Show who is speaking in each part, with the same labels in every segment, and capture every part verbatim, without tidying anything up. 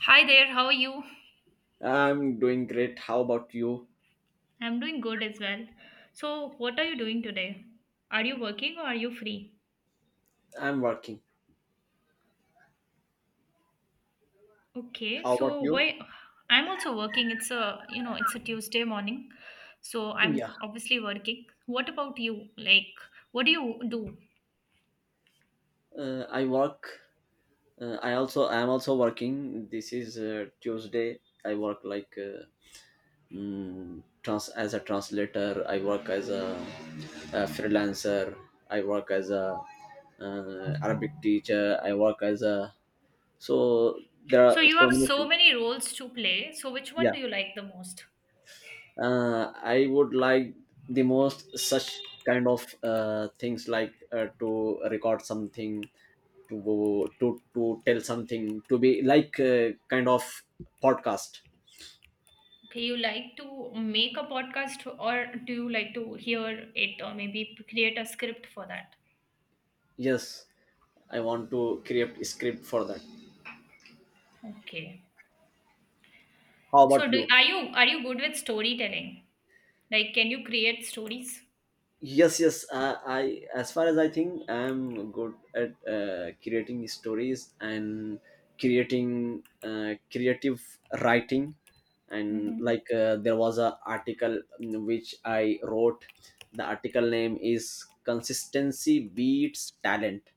Speaker 1: Hi there, how are you?
Speaker 2: I'm doing great. How about you?
Speaker 1: I'm doing good as well. So, what are you doing today? Are you working or are you free?
Speaker 2: I'm working.
Speaker 1: Okay,
Speaker 2: How about
Speaker 1: so
Speaker 2: you?
Speaker 1: why I'm also working. It's a, you know, it's a Tuesday morning. So,
Speaker 2: Yeah.
Speaker 1: I'm obviously working. What about you? Like, what do you do?
Speaker 2: Uh, I work. Uh, I also I am also working. This is uh, Tuesday. I work like, uh, mm, trans as a translator. I work as a, a freelancer. I work as a uh, Arabic teacher. I work as a, so there are
Speaker 1: So, you
Speaker 2: so
Speaker 1: have
Speaker 2: many
Speaker 1: so
Speaker 2: things.
Speaker 1: many roles to play. So, which one
Speaker 2: Yeah.
Speaker 1: do you like the most?
Speaker 2: uh, I would like the most such kind of uh, things, like uh, to record something, to to to tell something, to be like, uh, kind of podcast.
Speaker 1: Okay, you like to make a podcast or do you like to hear it or maybe create a script for that?
Speaker 2: Yes, I want to create a script for that.
Speaker 1: Okay.
Speaker 2: How
Speaker 1: So
Speaker 2: about
Speaker 1: do
Speaker 2: you?
Speaker 1: are you are you good with storytelling? Like, can you create stories?
Speaker 2: Yes, yes, uh, I, as far as I think, I'm good at uh, creating stories and creating uh, creative writing, and, like,
Speaker 1: Mm-hmm.
Speaker 2: uh, there was a article in which I wrote. The article name is "Consistency Beats Talent."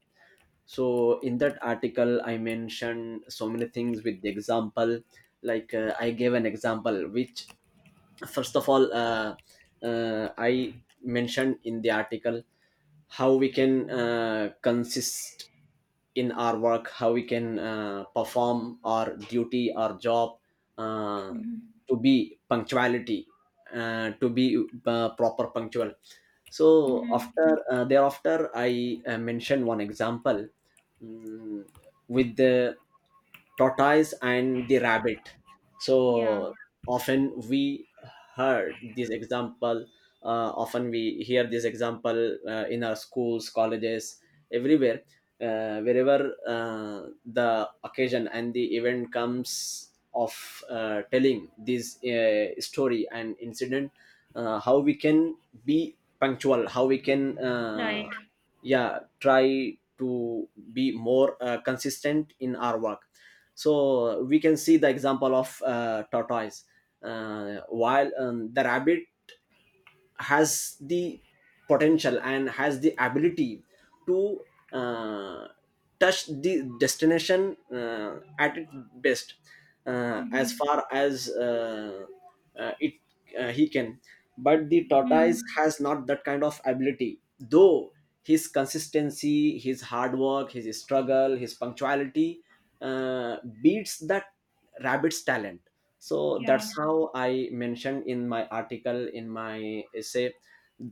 Speaker 2: So in that article I mentioned so many things with the example, like uh, I gave an example which, first of all, uh, uh, I mentioned in the article how we can uh, consist in our work, how we can uh, perform our duty, our job, uh,
Speaker 1: Mm-hmm.
Speaker 2: to be punctuality, uh, to be uh, proper punctual. So
Speaker 1: Mm-hmm.
Speaker 2: after, uh, thereafter I uh, mentioned one example, mm, with the tortoise and the rabbit.
Speaker 1: Yeah.
Speaker 2: So often we heard this example uh, often we hear this example uh, in our schools, colleges, everywhere, uh, wherever uh, the occasion and the event comes of uh, telling this uh, story and incident, uh, how we can be punctual, how we can, uh,
Speaker 1: Right.
Speaker 2: yeah, try to be more uh, consistent in our work. So we can see the example of uh, tortoise. Uh, while um, the rabbit has the potential and has the ability to uh, touch the destination uh, at its best, uh, as
Speaker 1: Mm-hmm.
Speaker 2: far as uh, uh, it uh, he can. But the tortoise
Speaker 1: Mm-hmm.
Speaker 2: has not that kind of ability, though his consistency, his hard work, his struggle, his punctuality uh, beats that rabbit's talent. So
Speaker 1: Yeah.
Speaker 2: that's how I mentioned in my article, in my essay,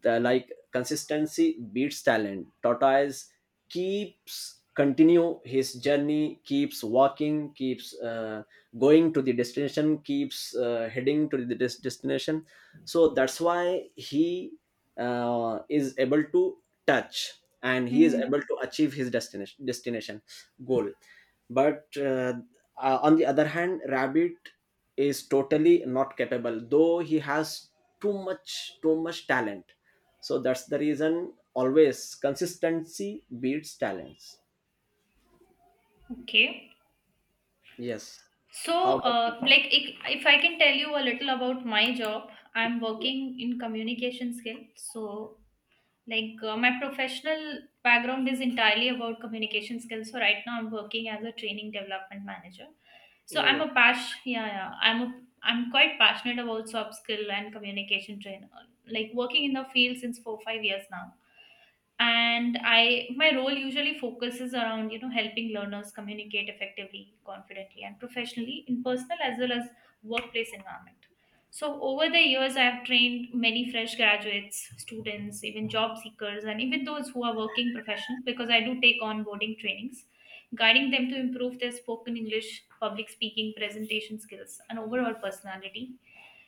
Speaker 2: the like "Consistency Beats Talent." Tortoise keeps continue his journey, keeps walking, keeps uh, going to the destination, keeps uh, heading to the des- destination. So that's why he uh, is able to touch, and he is
Speaker 1: Mm-hmm.
Speaker 2: able to achieve his destination destination goal. But uh, uh, on the other hand, rabbit is totally not capable, though he has too much too much talent. So that's the reason, always consistency beats talents.
Speaker 1: Okay.
Speaker 2: Yes.
Speaker 1: So,
Speaker 2: How about you?
Speaker 1: uh, like, if, if I can tell you a little about my job, I'm working in communication skill. So, like uh, my professional background is entirely about communication skills. So right now I'm working as a training development manager. So I'm
Speaker 2: Oh,
Speaker 1: a pash yeah, yeah I'm a I'm quite passionate about soft skill and communication trainer. Like working in the field since four five years now, and I my role usually focuses around, you know helping learners communicate effectively, confidently, and professionally in personal as well as workplace environment. So over the years, I have trained many fresh graduates, students, even job seekers, and even those who are working professional, because I do take onboarding trainings, guiding them to improve their spoken English, public speaking, presentation skills, and overall personality.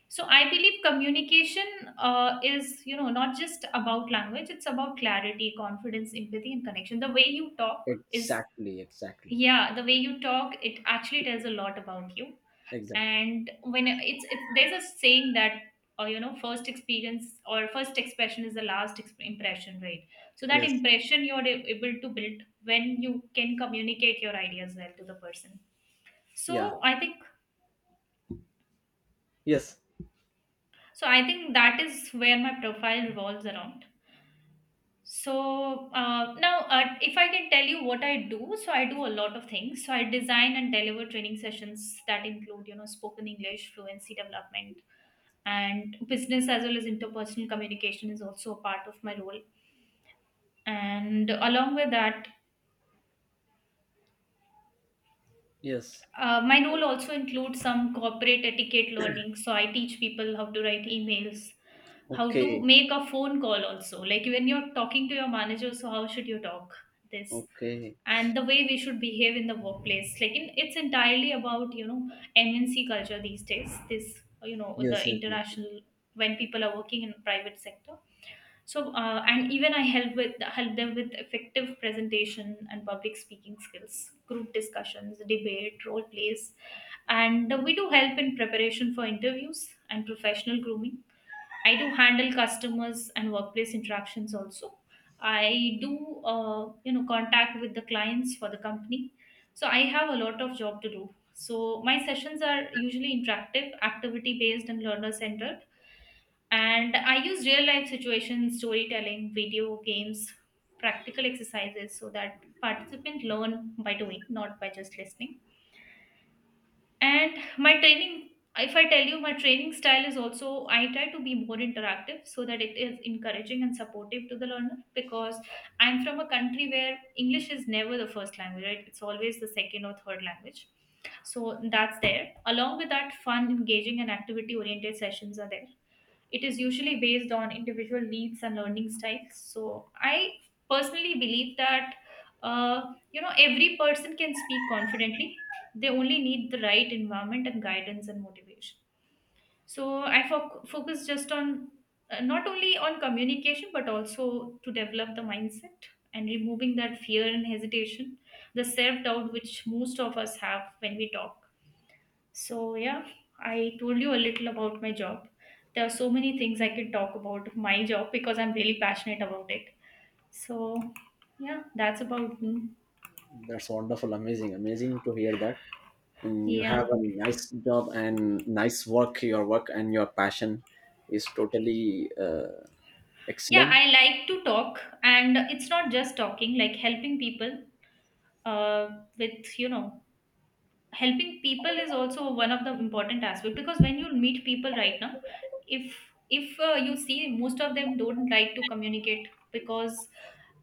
Speaker 1: So I believe communication uh, is, you know, not just about language. It's about clarity, confidence, empathy, and connection. The way you talk is,
Speaker 2: exactly, exactly,
Speaker 1: yeah, the way you talk, it actually tells a lot about you.
Speaker 2: exactly.
Speaker 1: And when it's, it's there's a saying that, uh, you know, first experience or first expression is the last exp- impression, right? So that
Speaker 2: Yes.
Speaker 1: impression you're a- able to build when you can communicate your ideas well to the person.
Speaker 2: Yeah.
Speaker 1: So I think,
Speaker 2: Yes,
Speaker 1: so I think that is where my profile revolves around. So uh, now, uh, if I can tell you what I do, so I do a lot of things. So I design and deliver training sessions that include, you know, spoken English, fluency development, and business as well as interpersonal communication is also a part of my role. And along with that,
Speaker 2: yes.
Speaker 1: Uh, my role also includes some corporate etiquette learning. So I teach people how to write emails, how to
Speaker 2: Okay,
Speaker 1: make a phone call also. Like when you're talking to your manager, so how should you talk this?
Speaker 2: okay.
Speaker 1: And the way we should behave in the workplace. Like in, it's entirely about, you know, M N C culture these days. This, you know,
Speaker 2: Yes,
Speaker 1: the
Speaker 2: yes, yes.
Speaker 1: international, when people are working in private sector. So, uh, and even I help with help them with effective presentation and public speaking skills, group discussions, debate, role plays, and we do help in preparation for interviews and professional grooming. I do handle customers and workplace interactions also. I do, uh, you know, contact with the clients for the company. So I have a lot of job to do. So my sessions are usually interactive, activity based, and learner centered, and I use real life situations, storytelling, video games, practical exercises so that participants learn by doing, not by just listening. And my training, if I tell you, my training style is also I try to be more interactive so that it is encouraging and supportive to the learner, because I'm from a country where English is never the first language, right? It's always the second or third language. So that's there. Along with that, fun, engaging, and activity oriented sessions are there. It is usually based on individual needs and learning styles. So I personally believe that uh, you know every person can speak confidently. They only need the right environment and guidance and motivation. So I fo- focus just on uh, not only on communication but also to develop the mindset and removing that fear and hesitation, the self doubt which most of us have when we talk. So, yeah, I told you a little about my job. There are so many things I can talk about my job because I'm really passionate about it. So, yeah, that's about me.
Speaker 2: That's wonderful, amazing, amazing to hear that. And you have
Speaker 1: Yeah.
Speaker 2: a nice job and nice work. Your work and your passion is totally uh,
Speaker 1: Yeah,
Speaker 2: excellent.
Speaker 1: I like to talk, and it's not just talking, like helping people uh, with, you know, helping people is also one of the important aspect because when you meet people right now, if if uh, you see most of them don't like to communicate because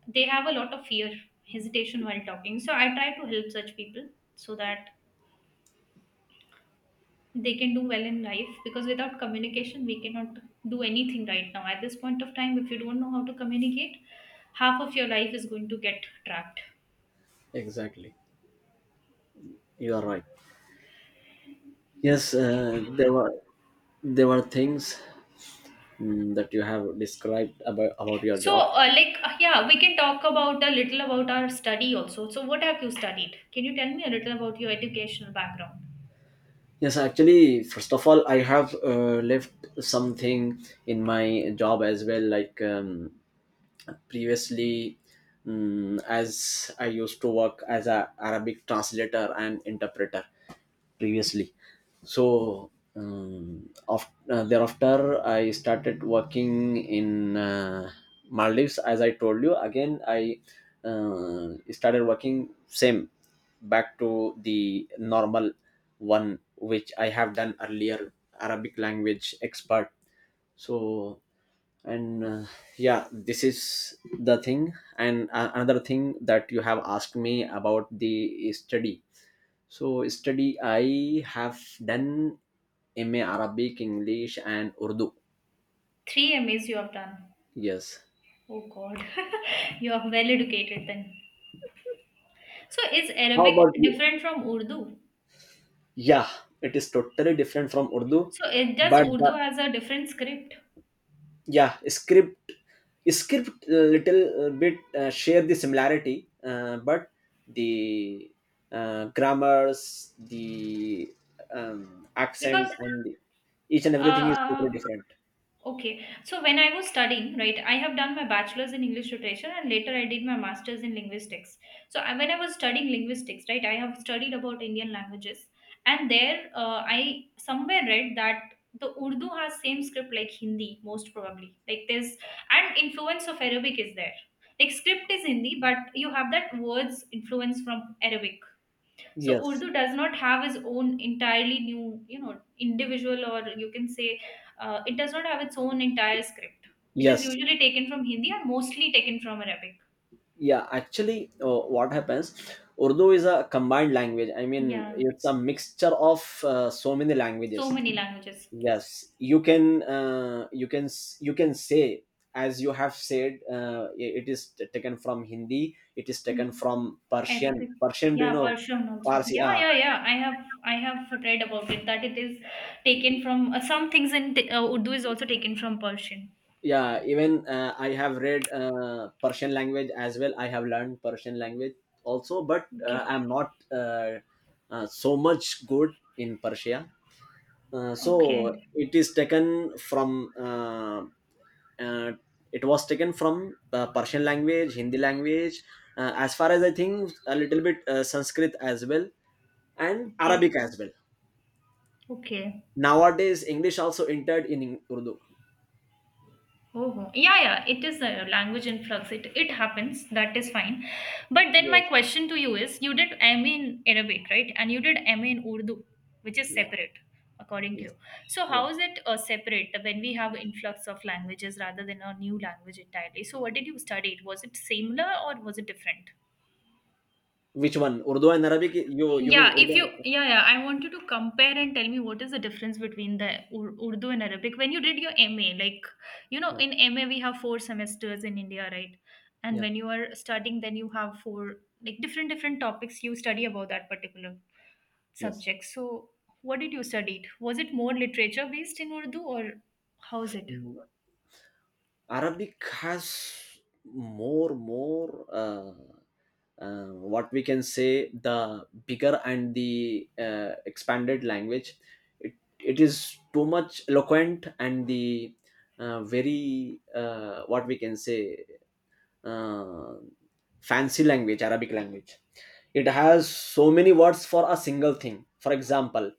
Speaker 1: they have a lot of fear, hesitation while talking. So I try to help such people, so that they can do well in life, because without communication we cannot do anything right now. At this point of time, if you don't know how to communicate, half of your life is going to get trapped.
Speaker 2: Exactly, you are right. Yes, uh, there were there were things mm, that you have described about about your
Speaker 1: So
Speaker 2: job.
Speaker 1: uh, like uh, yeah, we can talk about a little about our study also. So what have you studied? Can you tell me a little about your educational background?
Speaker 2: Yes, actually, first of all, I have uh, left something in my job as well. Like, um, previously, mm as I used to work as a Arabic translator and interpreter, previously. So um, af- uh, thereafter I started working in uh, Maldives, as I told you. Again, I uh, started working same, back to the normal one which I have done earlier, Arabic language expert. So, and uh, yeah, this is the thing. And uh, another thing that you have asked me about the study. So study I have done M A Arabic, English and Urdu.
Speaker 1: three M As you have done?
Speaker 2: Yes.
Speaker 1: Oh god, you are well educated then. So is
Speaker 2: How
Speaker 1: Arabic
Speaker 2: about you?
Speaker 1: different from Urdu?
Speaker 2: Yeah, it is totally different from Urdu,
Speaker 1: So it does
Speaker 2: but the,
Speaker 1: Urdu has a different script
Speaker 2: yeah, script script a little uh, bit uh, share the similarity, uh, but the uh, grammars, the um, accent,
Speaker 1: because
Speaker 2: and the, each and everything is totally
Speaker 1: uh
Speaker 2: different.
Speaker 1: okay. So when I was studying, right, I have done my bachelor's in English literature and later I did my master's in linguistics. So I, when I was studying linguistics, right, I have studied about Indian languages, and there uh, I somewhere read that the Urdu has same script like Hindi most probably. Like there's and influence of Arabic is there. Like script is Hindi, but you have that words influence from Arabic. So
Speaker 2: Yes,
Speaker 1: Urdu does not have its own entirely new, you know, individual, or you can say uh, it does not have its own entire script. It is
Speaker 2: yes.
Speaker 1: usually taken from Hindi and mostly taken from Arabic.
Speaker 2: Yeah, actually, uh, what happens? Urdu is a combined language. I mean,
Speaker 1: Yeah,
Speaker 2: it's a mixture of uh, so many
Speaker 1: so
Speaker 2: languages.
Speaker 1: many languages.
Speaker 2: Yes, you can, uh, you can, s- you can say, as you have said. Uh, it is t- taken from Hindi. It is taken
Speaker 1: Mm.
Speaker 2: from Persian.
Speaker 1: Arabic.
Speaker 2: Persian, do you
Speaker 1: Yeah,
Speaker 2: know?
Speaker 1: Persian also.
Speaker 2: Parsi.
Speaker 1: Yeah,
Speaker 2: Ah,
Speaker 1: yeah, yeah. I have I have read about it that it is taken from uh, some things in t- uh, Urdu is also taken from Persian.
Speaker 2: yeah. Even uh, I have read uh, Persian language as well. I have learned Persian language also, but uh,
Speaker 1: Okay.
Speaker 2: I'm not uh, uh, so much good in Persia. Uh,
Speaker 1: Okay.
Speaker 2: so it is taken from uh, uh, it was taken from uh, Persian language, Hindi language, uh, as far as I think, a little bit uh, Sanskrit as well, and Arabic
Speaker 1: Okay.
Speaker 2: as well.
Speaker 1: Okay.
Speaker 2: Nowadays English also entered in Eng- urdu.
Speaker 1: Oh, ho. Yeah, yeah, it is a language influx. It it happens. That is fine. But then my
Speaker 2: Yes.
Speaker 1: question to you is, you did M A in Arabic, right? And you did M A in Urdu, which is
Speaker 2: Yeah.
Speaker 1: separate, according to you.
Speaker 2: Yes.
Speaker 1: So how
Speaker 2: Yeah.
Speaker 1: is it uh, separate when we have influx of languages rather than a new language entirely? So what did you study? Was it similar or was it different?
Speaker 2: Which one, Urdu and Arabic? You you mean
Speaker 1: Yeah, if
Speaker 2: Urdu?
Speaker 1: you, yeah, yeah, I want you to compare and tell me what is the difference between the Ur- Urdu and Arabic. When you did your M A, like, you know,
Speaker 2: Yeah.
Speaker 1: in M A we have four semesters in India, right? And
Speaker 2: Yeah.
Speaker 1: when you are studying, then you have four, like, different, different topics you study about that particular
Speaker 2: Yes.
Speaker 1: subject. So, what did you study? Was it more literature based in Urdu, or how is it?
Speaker 2: Mm, Arabic has more more uh, uh, what we can say, the bigger and the uh, expanded language. It, it is too much eloquent, and the uh, very, uh, what we can say, uh, fancy language, Arabic language. It has so many words for a single thing. For example,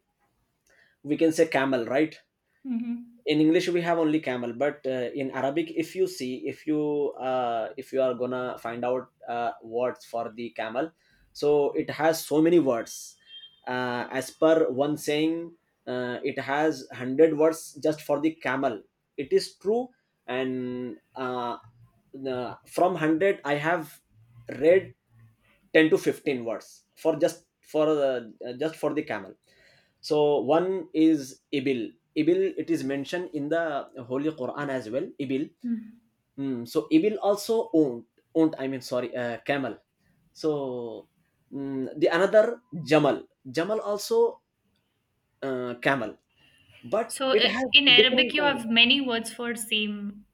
Speaker 2: we can say camel, right?
Speaker 1: Mm-hmm.
Speaker 2: In English we have only camel, but uh, in Arabic, if you see, if you uh, if you are gonna find out uh, words for the camel, so it has so many words. Uh, as per one saying, uh, it has a hundred words just for the camel. It is true. And uh, the- from one hundred I have read ten to fifteen words for just for uh, just for the camel. So one is Ibil. Ibil, it is mentioned in the Holy Quran as well. Ibil. Mm, so Ibil also owned, owned, I mean, sorry, uh, camel. So, mm, the another Jamal. Jamal also, uh, camel, but
Speaker 1: So,
Speaker 2: it
Speaker 1: i-
Speaker 2: has
Speaker 1: in
Speaker 2: different
Speaker 1: Arabic, you
Speaker 2: kind.
Speaker 1: have many words for same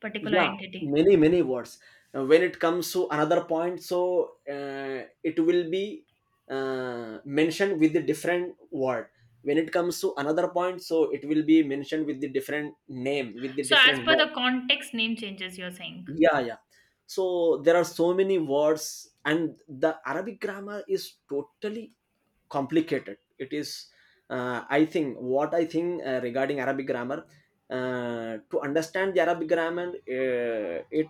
Speaker 1: particular
Speaker 2: Yeah,
Speaker 1: entity.
Speaker 2: many, many words. Uh, when it comes to another point, so uh, it will be uh, mentioned with the different word. When it comes to another point, so it will be mentioned with the different name, with the
Speaker 1: So, as
Speaker 2: different
Speaker 1: per
Speaker 2: word.
Speaker 1: the context, name changes, you're saying.
Speaker 2: Yeah, yeah. So there are so many words, and the Arabic grammar is totally complicated. It is, uh, I think, what i think uh, regarding Arabic grammar, uh, to understand the Arabic grammar, uh, it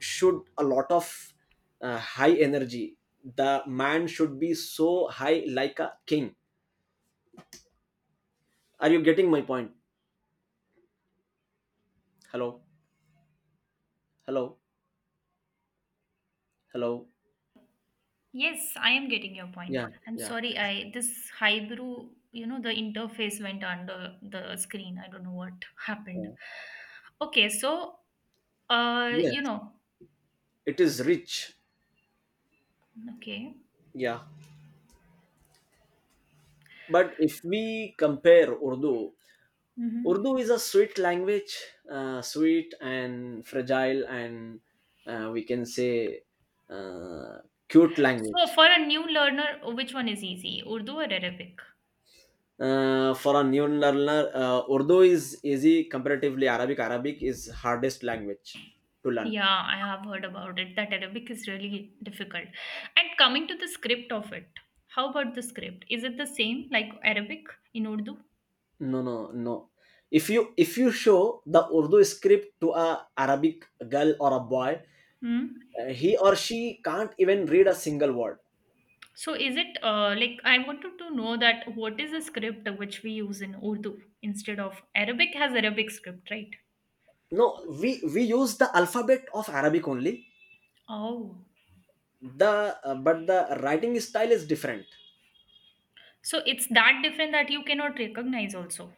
Speaker 2: should a lot of uh, high energy. The man should be so high, like a king. Are you getting my point? Hello? Hello? Hello?
Speaker 1: Yes, I am getting your point.
Speaker 2: Yeah,
Speaker 1: I'm
Speaker 2: yeah,
Speaker 1: sorry, I this Hybrew, you know, the interface went under the screen. I don't know what happened.
Speaker 2: yeah.
Speaker 1: Okay, so, uh,
Speaker 2: Yes,
Speaker 1: you know,
Speaker 2: it is rich.
Speaker 1: okay.
Speaker 2: Yeah. But if we compare Urdu,
Speaker 1: Hmm.
Speaker 2: Urdu is a sweet language, uh, sweet and fragile, and uh, we can say, uh, cute
Speaker 1: So,
Speaker 2: language.
Speaker 1: for a new learner, which one is easy, Urdu or Arabic?
Speaker 2: Uh, for a new learner, uh, Urdu is easy comparatively. Arabic Arabic is hardest language to learn.
Speaker 1: Yeah, I have heard about it that Arabic is really difficult. And coming to the script of it, how about the script? Is it the same like Arabic in Urdu?
Speaker 2: No, no, no. If you if you show the Urdu script to a Arabic girl or a boy,
Speaker 1: Hmm?
Speaker 2: uh, he or she can't even read a single word.
Speaker 1: So is it uh, like I wanted to know that what is the script which we use in Urdu instead of Arabic has Arabic script, right?
Speaker 2: No, we we use the alphabet of Arabic only.
Speaker 1: Oh,
Speaker 2: The, uh, but the writing style is different.
Speaker 1: so it's that different that you cannot recognize also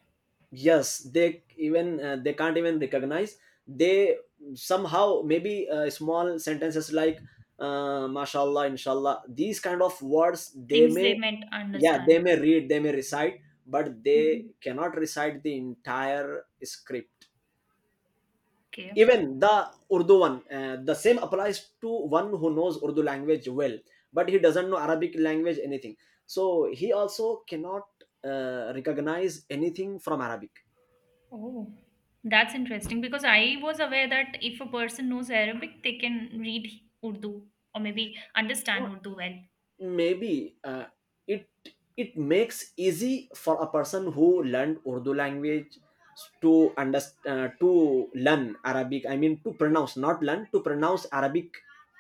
Speaker 2: Yes, they, even uh, they can't even recognize. They, somehow, maybe uh, small sentences like uh, mashallah, inshallah, these kind of words they
Speaker 1: things they
Speaker 2: may,
Speaker 1: meant
Speaker 2: yeah,
Speaker 1: understand.
Speaker 2: they may read, they may recite, but they
Speaker 1: Mhm.
Speaker 2: cannot recite the entire script.
Speaker 1: Okay.
Speaker 2: Even the Urdu one, uh, the same applies to one who knows Urdu language well, but he doesn't know Arabic language anything, so he also cannot uh, recognize anything from Arabic.
Speaker 1: Oh, that's interesting because I was aware that if a person knows Arabic, they can read Urdu or maybe understand Urdu well.
Speaker 2: Maybe uh, it it makes easy for a person who learned Urdu language to understand, uh, to learn Arabic, I mean to pronounce, not learn, to pronounce Arabic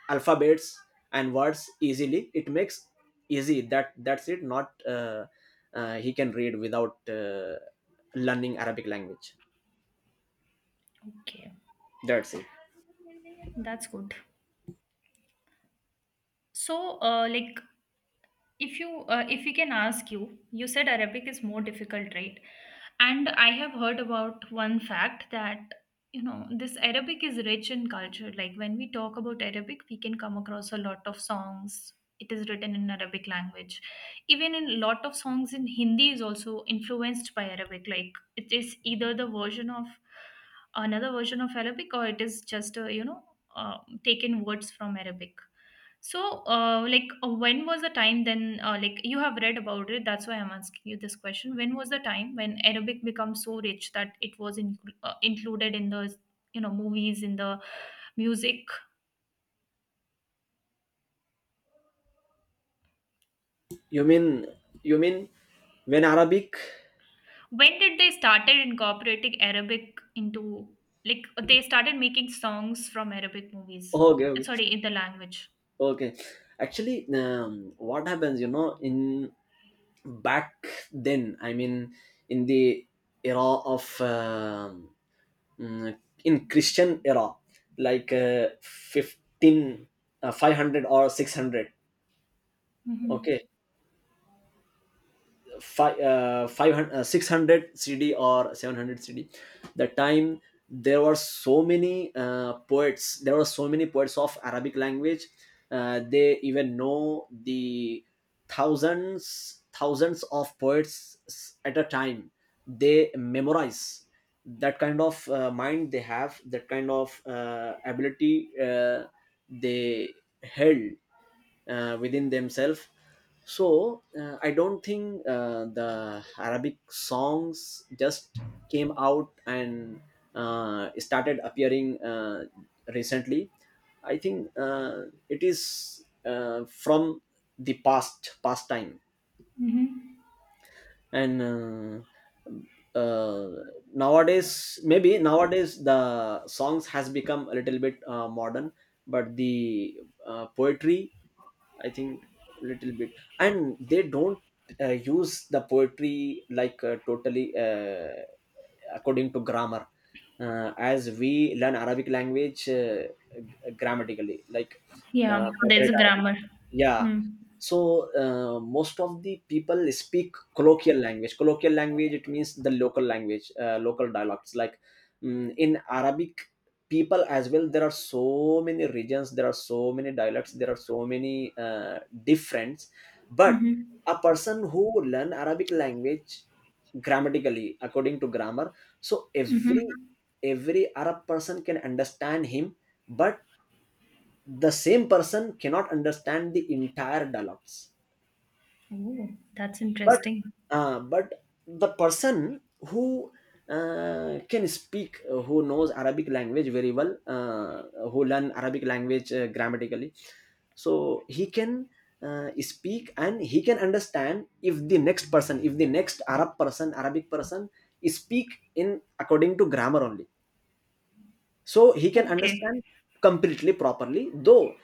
Speaker 2: alphabets and words easily. It makes easy, that that's it, not uh, uh, he can read without uh, learning Arabic language.
Speaker 1: Okay,
Speaker 2: That's it.
Speaker 1: that's good. So, uh, like, if you uh, if we can ask you, you said Arabic is more difficult, right? And I have heard about one fact that, you know this Arabic is rich in culture. Like when we talk about Arabic, we can come across a lot of songs. It is written in Arabic language. Even in a lot of songs in Hindi is also influenced by Arabic. Like it is either the version of another version of Arabic, or it is just a, you know uh, taken words from Arabic. So, uh, like, uh, when was the time then, uh, like, you have read about it, that's why I'm asking you this question. When was the time when Arabic became so rich that it was in, uh, included in the, you know, movies, in the music?
Speaker 2: You mean you mean when Arabic.
Speaker 1: When did they started incorporating Arabic into, like, they started making songs from Arabic movies?
Speaker 2: Okay, okay.
Speaker 1: Sorry, in the language.
Speaker 2: Okay, actually, um, what happens, you know, in back then, I mean, in the era of, um, mm, in Christian era, like uh, fifteen, uh, five hundred or six hundred.
Speaker 1: Mm-hmm.
Speaker 2: Okay, five, uh, five hundred uh, six hundred c d or seven hundred c d, the time there were so many uh, poets, there were so many poets of Arabic language. Uh, they even know the thousands thousands of poets s- at a time, they memorize. That kind of uh, mind they have, that kind of uh, ability uh, they held uh, within themselves. So uh, I don't think uh, the Arabic songs just came out and uh, started appearing uh, recently. I think uh, it is uh, from the past past time.
Speaker 1: Mm-hmm.
Speaker 2: And uh, uh, nowadays maybe nowadays the songs has become a little bit uh, modern. But the uh, poetry, I think, little bit, and they don't uh, use the poetry like uh, totally, uh, according to grammar. Uh, as we learn Arabic language uh, g- grammatically, like uh,
Speaker 1: Yeah, there's a
Speaker 2: Arabic.
Speaker 1: grammar.
Speaker 2: Yeah,
Speaker 1: Hmm.
Speaker 2: so uh, most of the people speak colloquial language. Colloquial language, it means the local language, uh, local dialects, like mm, in Arabic people as well. There are so many regions, there are so many dialects, there are so many uh, difference. But
Speaker 1: Mm-hmm.
Speaker 2: a person who learn Arabic language grammatically, according to grammar, so every
Speaker 1: Mm-hmm.
Speaker 2: every Arab person can understand him. But the same person cannot understand the entire dialects.
Speaker 1: Oh, that's
Speaker 2: but
Speaker 1: interesting.
Speaker 2: uh, but the person who uh, can speak, uh, who knows Arabic language very well, uh, who learn Arabic language uh, grammatically, so he can uh, speak, and he can understand if the next person, if the next arab person arabic person speak in according to grammar only, so he can
Speaker 1: Okay.
Speaker 2: understand completely, properly, though.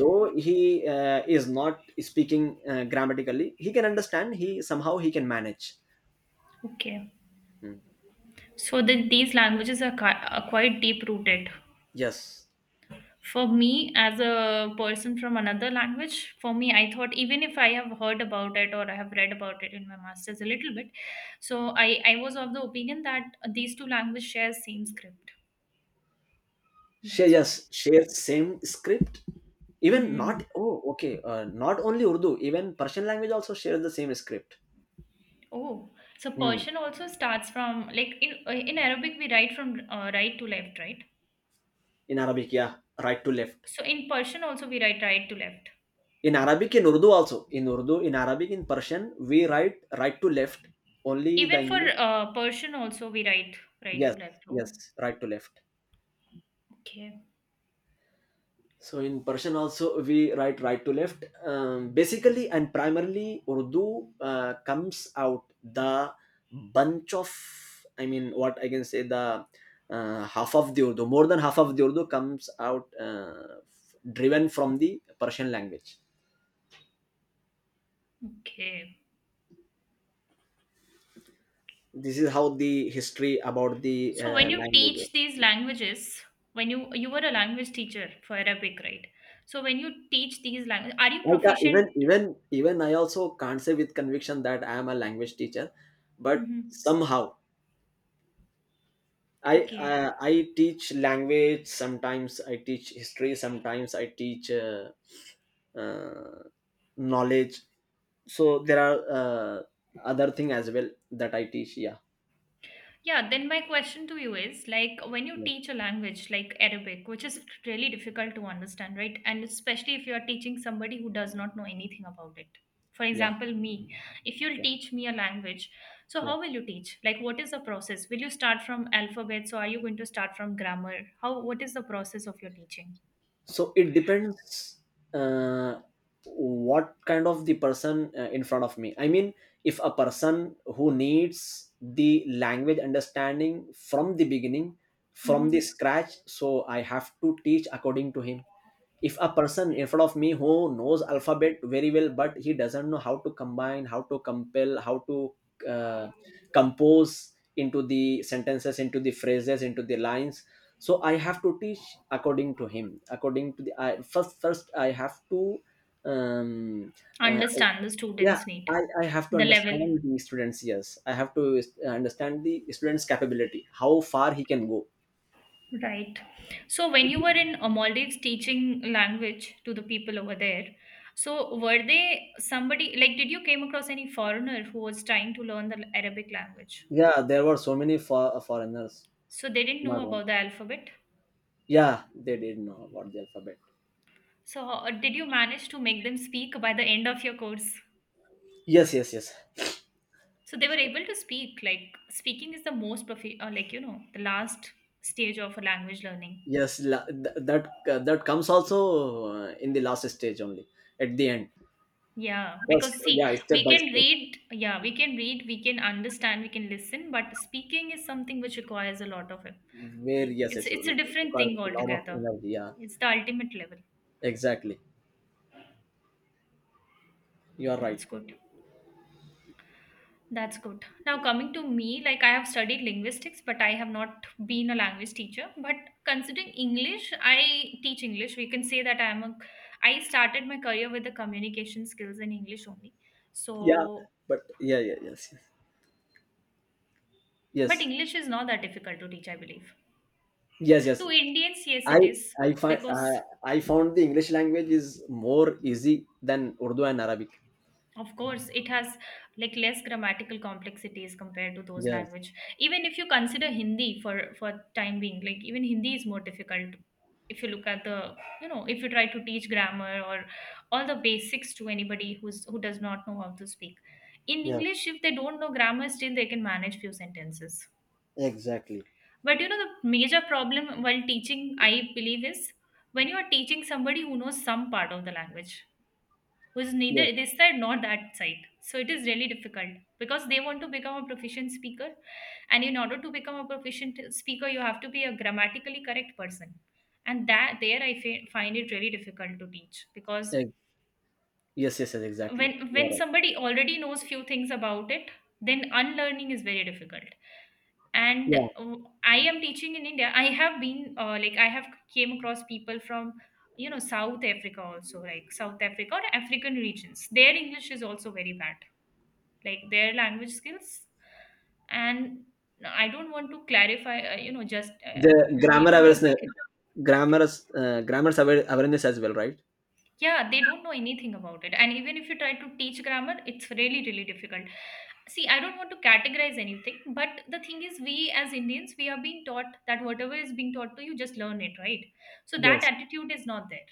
Speaker 2: Though he uh, is not speaking uh, grammatically, he can understand. He somehow, he can manage.
Speaker 1: Okay.
Speaker 2: Hmm.
Speaker 1: So the these languages are, ki- are quite deep rooted.
Speaker 2: Yes,
Speaker 1: For me, as a person from another language, for me, I thought even if I have heard about it or I have read about it in my master's a little bit, so I, I was of the opinion that these two languages share same script.
Speaker 2: share
Speaker 1: That's
Speaker 2: yes
Speaker 1: why.
Speaker 2: share same script. Even not
Speaker 1: Mm.
Speaker 2: Oh, okay, uh, not only Urdu, even Persian language also shares the same script.
Speaker 1: Oh, so
Speaker 2: Hmm.
Speaker 1: Persian also starts from like in uh, in Arabic we write from uh, right to left, right?
Speaker 2: In Arabic, yeah, right to left.
Speaker 1: So in Persian also we write right to left.
Speaker 2: In Arabic, in Urdu also, in Urdu, in Arabic, in Persian, we write right to left. Only the
Speaker 1: Even for
Speaker 2: English.
Speaker 1: uh, Persian also we write right to
Speaker 2: Yes,
Speaker 1: left.
Speaker 2: yes,
Speaker 1: Oh.
Speaker 2: right to left.
Speaker 1: Okay,
Speaker 2: So in Persian also we write right to left. Um, basically and primarily, Urdu uh, comes out the bunch of, I mean, what I can say, the uh, half of the Urdu more than half of the Urdu comes out, uh, f- driven from the Persian language.
Speaker 1: okay.
Speaker 2: This is how the history about the
Speaker 1: So when
Speaker 2: uh,
Speaker 1: you
Speaker 2: language is.
Speaker 1: teach these languages, when you you were a language teacher for Arabic, right? So when you teach these languages, are you
Speaker 2: I ca-
Speaker 1: proficient?
Speaker 2: even even even I also can't say with conviction that I am a language teacher, but
Speaker 1: hmm
Speaker 2: somehow I
Speaker 1: Okay.
Speaker 2: uh, I teach language sometimes. I teach history sometimes. I teach uh, uh, knowledge. So there are uh, other thing as well that I teach. Yeah,
Speaker 1: Yeah, then my question to you is like when you
Speaker 2: yeah,
Speaker 1: teach a language like Arabic, which is really difficult to understand, right? And especially if you are teaching somebody who does not know anything about it. For
Speaker 2: yeah,
Speaker 1: example, me, if you'll
Speaker 2: yeah,
Speaker 1: teach me a language, so
Speaker 2: yeah.
Speaker 1: how will you teach? Like, what is the process? Will you start from alphabets or are you going to start from grammar? How, what is the process of your teaching?
Speaker 2: So it depends uh, what kind of the person uh, in front of me. I mean, if a person who needs the language understanding from the beginning, from the
Speaker 1: hmm
Speaker 2: scratch, so I have to teach according to him. If a person in front of me who knows alphabet very well but he doesn't know how to combine, how to compel, how to uh, compose into the sentences, into the phrases, into the lines, so I have to teach according to him, according to the, I, first first I have to um uh,
Speaker 1: Understand the
Speaker 2: yeah,
Speaker 1: students' need,
Speaker 2: I, I have to
Speaker 1: the level.
Speaker 2: understand the students, yes, I have to uh, understand the students capability, how far he can go.
Speaker 1: Right. So when you were in uh, Maldives teaching language to the people over there, so were they somebody like did you came across any foreigner who was trying to learn the Arabic language?
Speaker 2: Yeah, there were so many for foreigners,
Speaker 1: So they didn't know
Speaker 2: not one.
Speaker 1: about the alphabet.
Speaker 2: Yeah, they did know about the alphabet.
Speaker 1: So uh, did you manage to make them speak by the end of your course?
Speaker 2: Yes, yes, yes.
Speaker 1: So they were
Speaker 2: So,
Speaker 1: able to speak. Like speaking is the most profi- uh, like you know the last stage of a language learning.
Speaker 2: yes, la- th- that uh, that comes also uh, in the last stage only, at the end.
Speaker 1: Yeah,
Speaker 2: First,
Speaker 1: because see,
Speaker 2: yeah, step
Speaker 1: we
Speaker 2: by
Speaker 1: can
Speaker 2: step.
Speaker 1: read, yeah, we can read, we can understand, we can listen, but speaking is something which requires a lot of it.
Speaker 2: Where
Speaker 1: Like,
Speaker 2: yes,
Speaker 1: it's
Speaker 2: yes,
Speaker 1: it's a different
Speaker 2: because
Speaker 1: thing
Speaker 2: a lot of
Speaker 1: altogether.
Speaker 2: energy. Yeah,
Speaker 1: It's the ultimate level.
Speaker 2: exactly. You are
Speaker 1: That's
Speaker 2: right.
Speaker 1: good. That's good. Now coming to me, like I have studied linguistics, but I have not been a language teacher. But considering English, I teach English. We can say that I am a I started my career with the communication skills in English only.
Speaker 2: Yeah,
Speaker 1: So,
Speaker 2: but yeah, yeah, yes,
Speaker 1: but
Speaker 2: yes,
Speaker 1: English is not that difficult to teach, I believe.
Speaker 2: yes, yes,
Speaker 1: To
Speaker 2: yes.
Speaker 1: Indians, yes,
Speaker 2: I
Speaker 1: it is
Speaker 2: I find uh,
Speaker 1: because
Speaker 2: I found the English language is more easy than Urdu and Arabic.
Speaker 1: of course it has like less grammatical complexities compared to those
Speaker 2: Yes,
Speaker 1: language. Even if you consider Hindi for for time being, like even Hindi is more difficult. If you look at the you know if you try to teach grammar or all the basics to anybody who's who does not know how to speak. In
Speaker 2: yes,
Speaker 1: English, if they don't know grammar, still they can manage few sentences.
Speaker 2: exactly.
Speaker 1: But you know the major problem while teaching, I believe, is when you are teaching somebody who knows some part of the language who's
Speaker 2: Yes,
Speaker 1: neither this side nor that side. So it is really difficult because they want to become a proficient speaker, and in order to become a proficient speaker, you have to be a grammatically correct person. And that there I fi- find it really difficult to teach because
Speaker 2: ex- yes, yes, yes, exactly.
Speaker 1: when
Speaker 2: You
Speaker 1: when
Speaker 2: are right.
Speaker 1: somebody already knows few things about it then unlearning is very difficult and
Speaker 2: Yeah,
Speaker 1: uh, I am teaching in India, I have been uh, like I have came across people from you know South Africa also like South Africa or African regions their English is also very bad like their language skills and I don't want to clarify uh, you know just uh,
Speaker 2: the grammar
Speaker 1: you know
Speaker 2: awareness grammar uh, grammar aware- awareness as well, right?
Speaker 1: yeah, they don't know anything about it. And even if you try to teach grammar, it's really, really difficult. See, I don't want to categorize anything, but the thing is, we as Indians, we are being taught that whatever is being taught to you, just learn it, right? So that
Speaker 2: Yes,
Speaker 1: attitude is not there.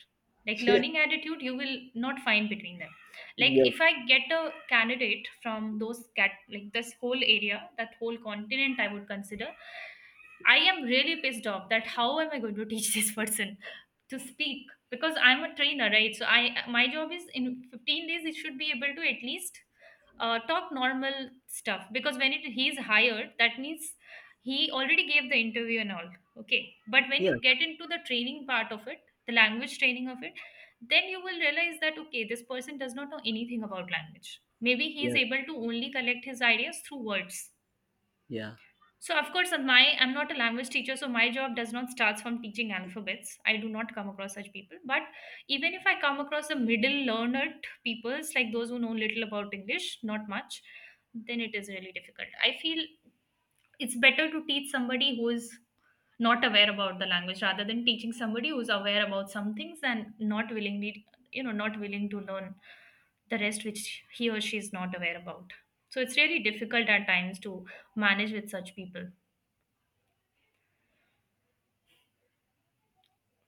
Speaker 1: Like
Speaker 2: yeah,
Speaker 1: learning attitude, you will not find between them. Like
Speaker 2: yes,
Speaker 1: if I get a candidate from those cat, like this whole area, that whole continent, I would consider. I am really pissed off that how am I going to teach this person to speak because I'm a trainer, right? So I my job is in fifteen days it should be able to at least uh, talk normal stuff because when it he's hired, that means he already gave the interview and all. Okay, but when
Speaker 2: yeah,
Speaker 1: you get into the training part of it, the language training of it, then you will realize that okay, this person does not know anything about language. Maybe he is
Speaker 2: yeah,
Speaker 1: able to only collect his ideas through words
Speaker 2: yeah,
Speaker 1: so of course, uh, my I'm not a language teacher, so my job does not starts from teaching alphabets. I do not come across such people. But even if I come across the middle learned peoples, like those who know little about English, not much, then it is really difficult. I feel it's better to teach somebody who is not aware about the language rather than teaching somebody who's aware about some things and not willingly, you know, not willing to learn the rest which he or she is not aware about. So it's really difficult at times to manage with such people.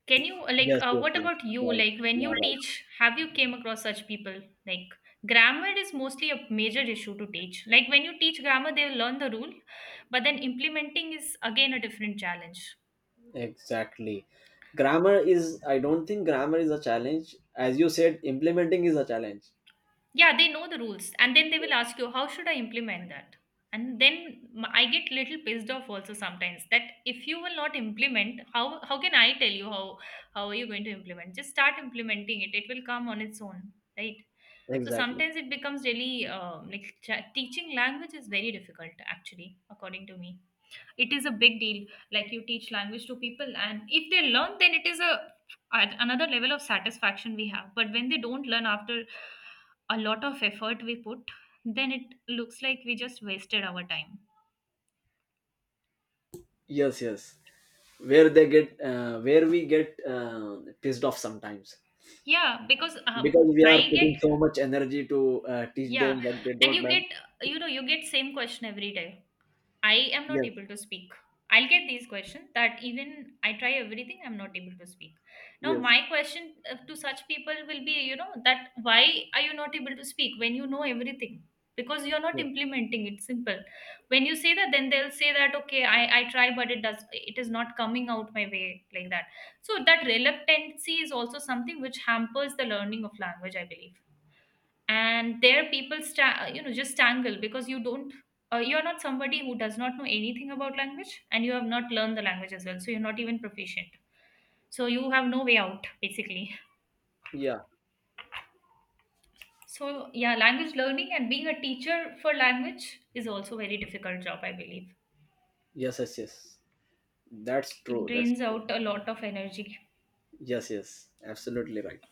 Speaker 1: Can you uh, like
Speaker 2: yes,
Speaker 1: uh,
Speaker 2: yes,
Speaker 1: what
Speaker 2: yes,
Speaker 1: about you?
Speaker 2: right,
Speaker 1: Like when you
Speaker 2: yeah,
Speaker 1: teach, have you came across such people? Like grammar is mostly a major issue to teach. Like when you teach grammar, they learn the rule, but then implementing is again a different challenge.
Speaker 2: right, exactly. grammar is I don't think grammar is a challenge. As you said, implementing is a challenge.
Speaker 1: Yeah, they know the rules and then they will
Speaker 2: Yes.
Speaker 1: ask you how should I implement that and then m- I get little pissed off also sometimes that if you will not implement how how can I tell you how how are you going to implement, just start implementing it, it will come on its own, right? So
Speaker 2: Exactly,
Speaker 1: sometimes it becomes really uh, like ch- teaching language is very difficult actually according to me, it is a big deal. Like you teach language to people and if they learn then it is a at another level of satisfaction we have, but when they don't learn after a lot of effort we put then it looks like we just wasted our time.
Speaker 2: yes, yes, where they get uh, where we get uh, pissed off sometimes,
Speaker 1: Yeah because um,
Speaker 2: because we are
Speaker 1: I get
Speaker 2: putting so much energy to uh, teach
Speaker 1: yeah
Speaker 2: them but they
Speaker 1: and
Speaker 2: don't
Speaker 1: you get
Speaker 2: learn.
Speaker 1: you know you get same question every day. I am not
Speaker 2: Yes,
Speaker 1: able to speak. I'll get these questions that even I try everything, I'm not able to speak. Now,
Speaker 2: yes,
Speaker 1: my question uh, to such people will be, you know, that why are you not able to speak when you know everything? Because you're not
Speaker 2: yes,
Speaker 1: implementing it. Simple. When you say that, then they'll say that, okay, I, I try, but it does, it is not coming out my way like that. So that reluctancy is also something which hampers the learning of language, I believe, and there people sta- you know just tangle because you don't uh, you're not somebody who does not know anything about language and you have not learned the language as well so you're not even proficient, so you have no way out basically.
Speaker 2: yeah.
Speaker 1: So yeah, language learning and being a teacher for language is also very difficult job I believe,
Speaker 2: Yes, yes, yes. That's
Speaker 1: it
Speaker 2: true. That's
Speaker 1: drains
Speaker 2: true.
Speaker 1: out a lot of energy.
Speaker 2: Yes, yes. Absolutely right.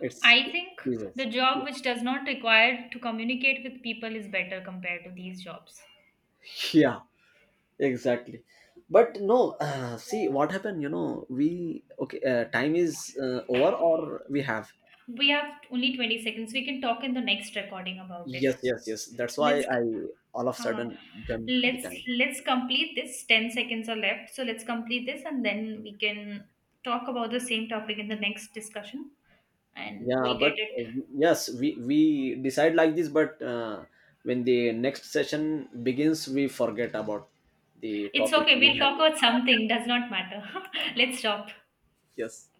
Speaker 2: It's
Speaker 1: I think the
Speaker 2: yes.
Speaker 1: job which does not require to communicate with people is better compared to these jobs.
Speaker 2: Yeah, exactly. But no, uh, see what happened. You know, we okay. Uh, time is uh, over, or we have.
Speaker 1: We have only twenty seconds, we can talk in the next recording about it.
Speaker 2: Yes, yes, yes. That's why
Speaker 1: Let's go.
Speaker 2: I all of a
Speaker 1: Huh.
Speaker 2: sudden jumped the
Speaker 1: Let's
Speaker 2: time.
Speaker 1: let's complete this. Ten seconds are left, so let's complete this, and then we can talk about the same topic in the next discussion, and
Speaker 2: Yeah,
Speaker 1: we'll
Speaker 2: but
Speaker 1: get it.
Speaker 2: uh, yes, we we decide like this. But uh, when the next session begins, we forget about the
Speaker 1: It's
Speaker 2: topic
Speaker 1: okay.
Speaker 2: we
Speaker 1: We'll
Speaker 2: have.
Speaker 1: talk about something. Does not matter. let's stop.
Speaker 2: Yes.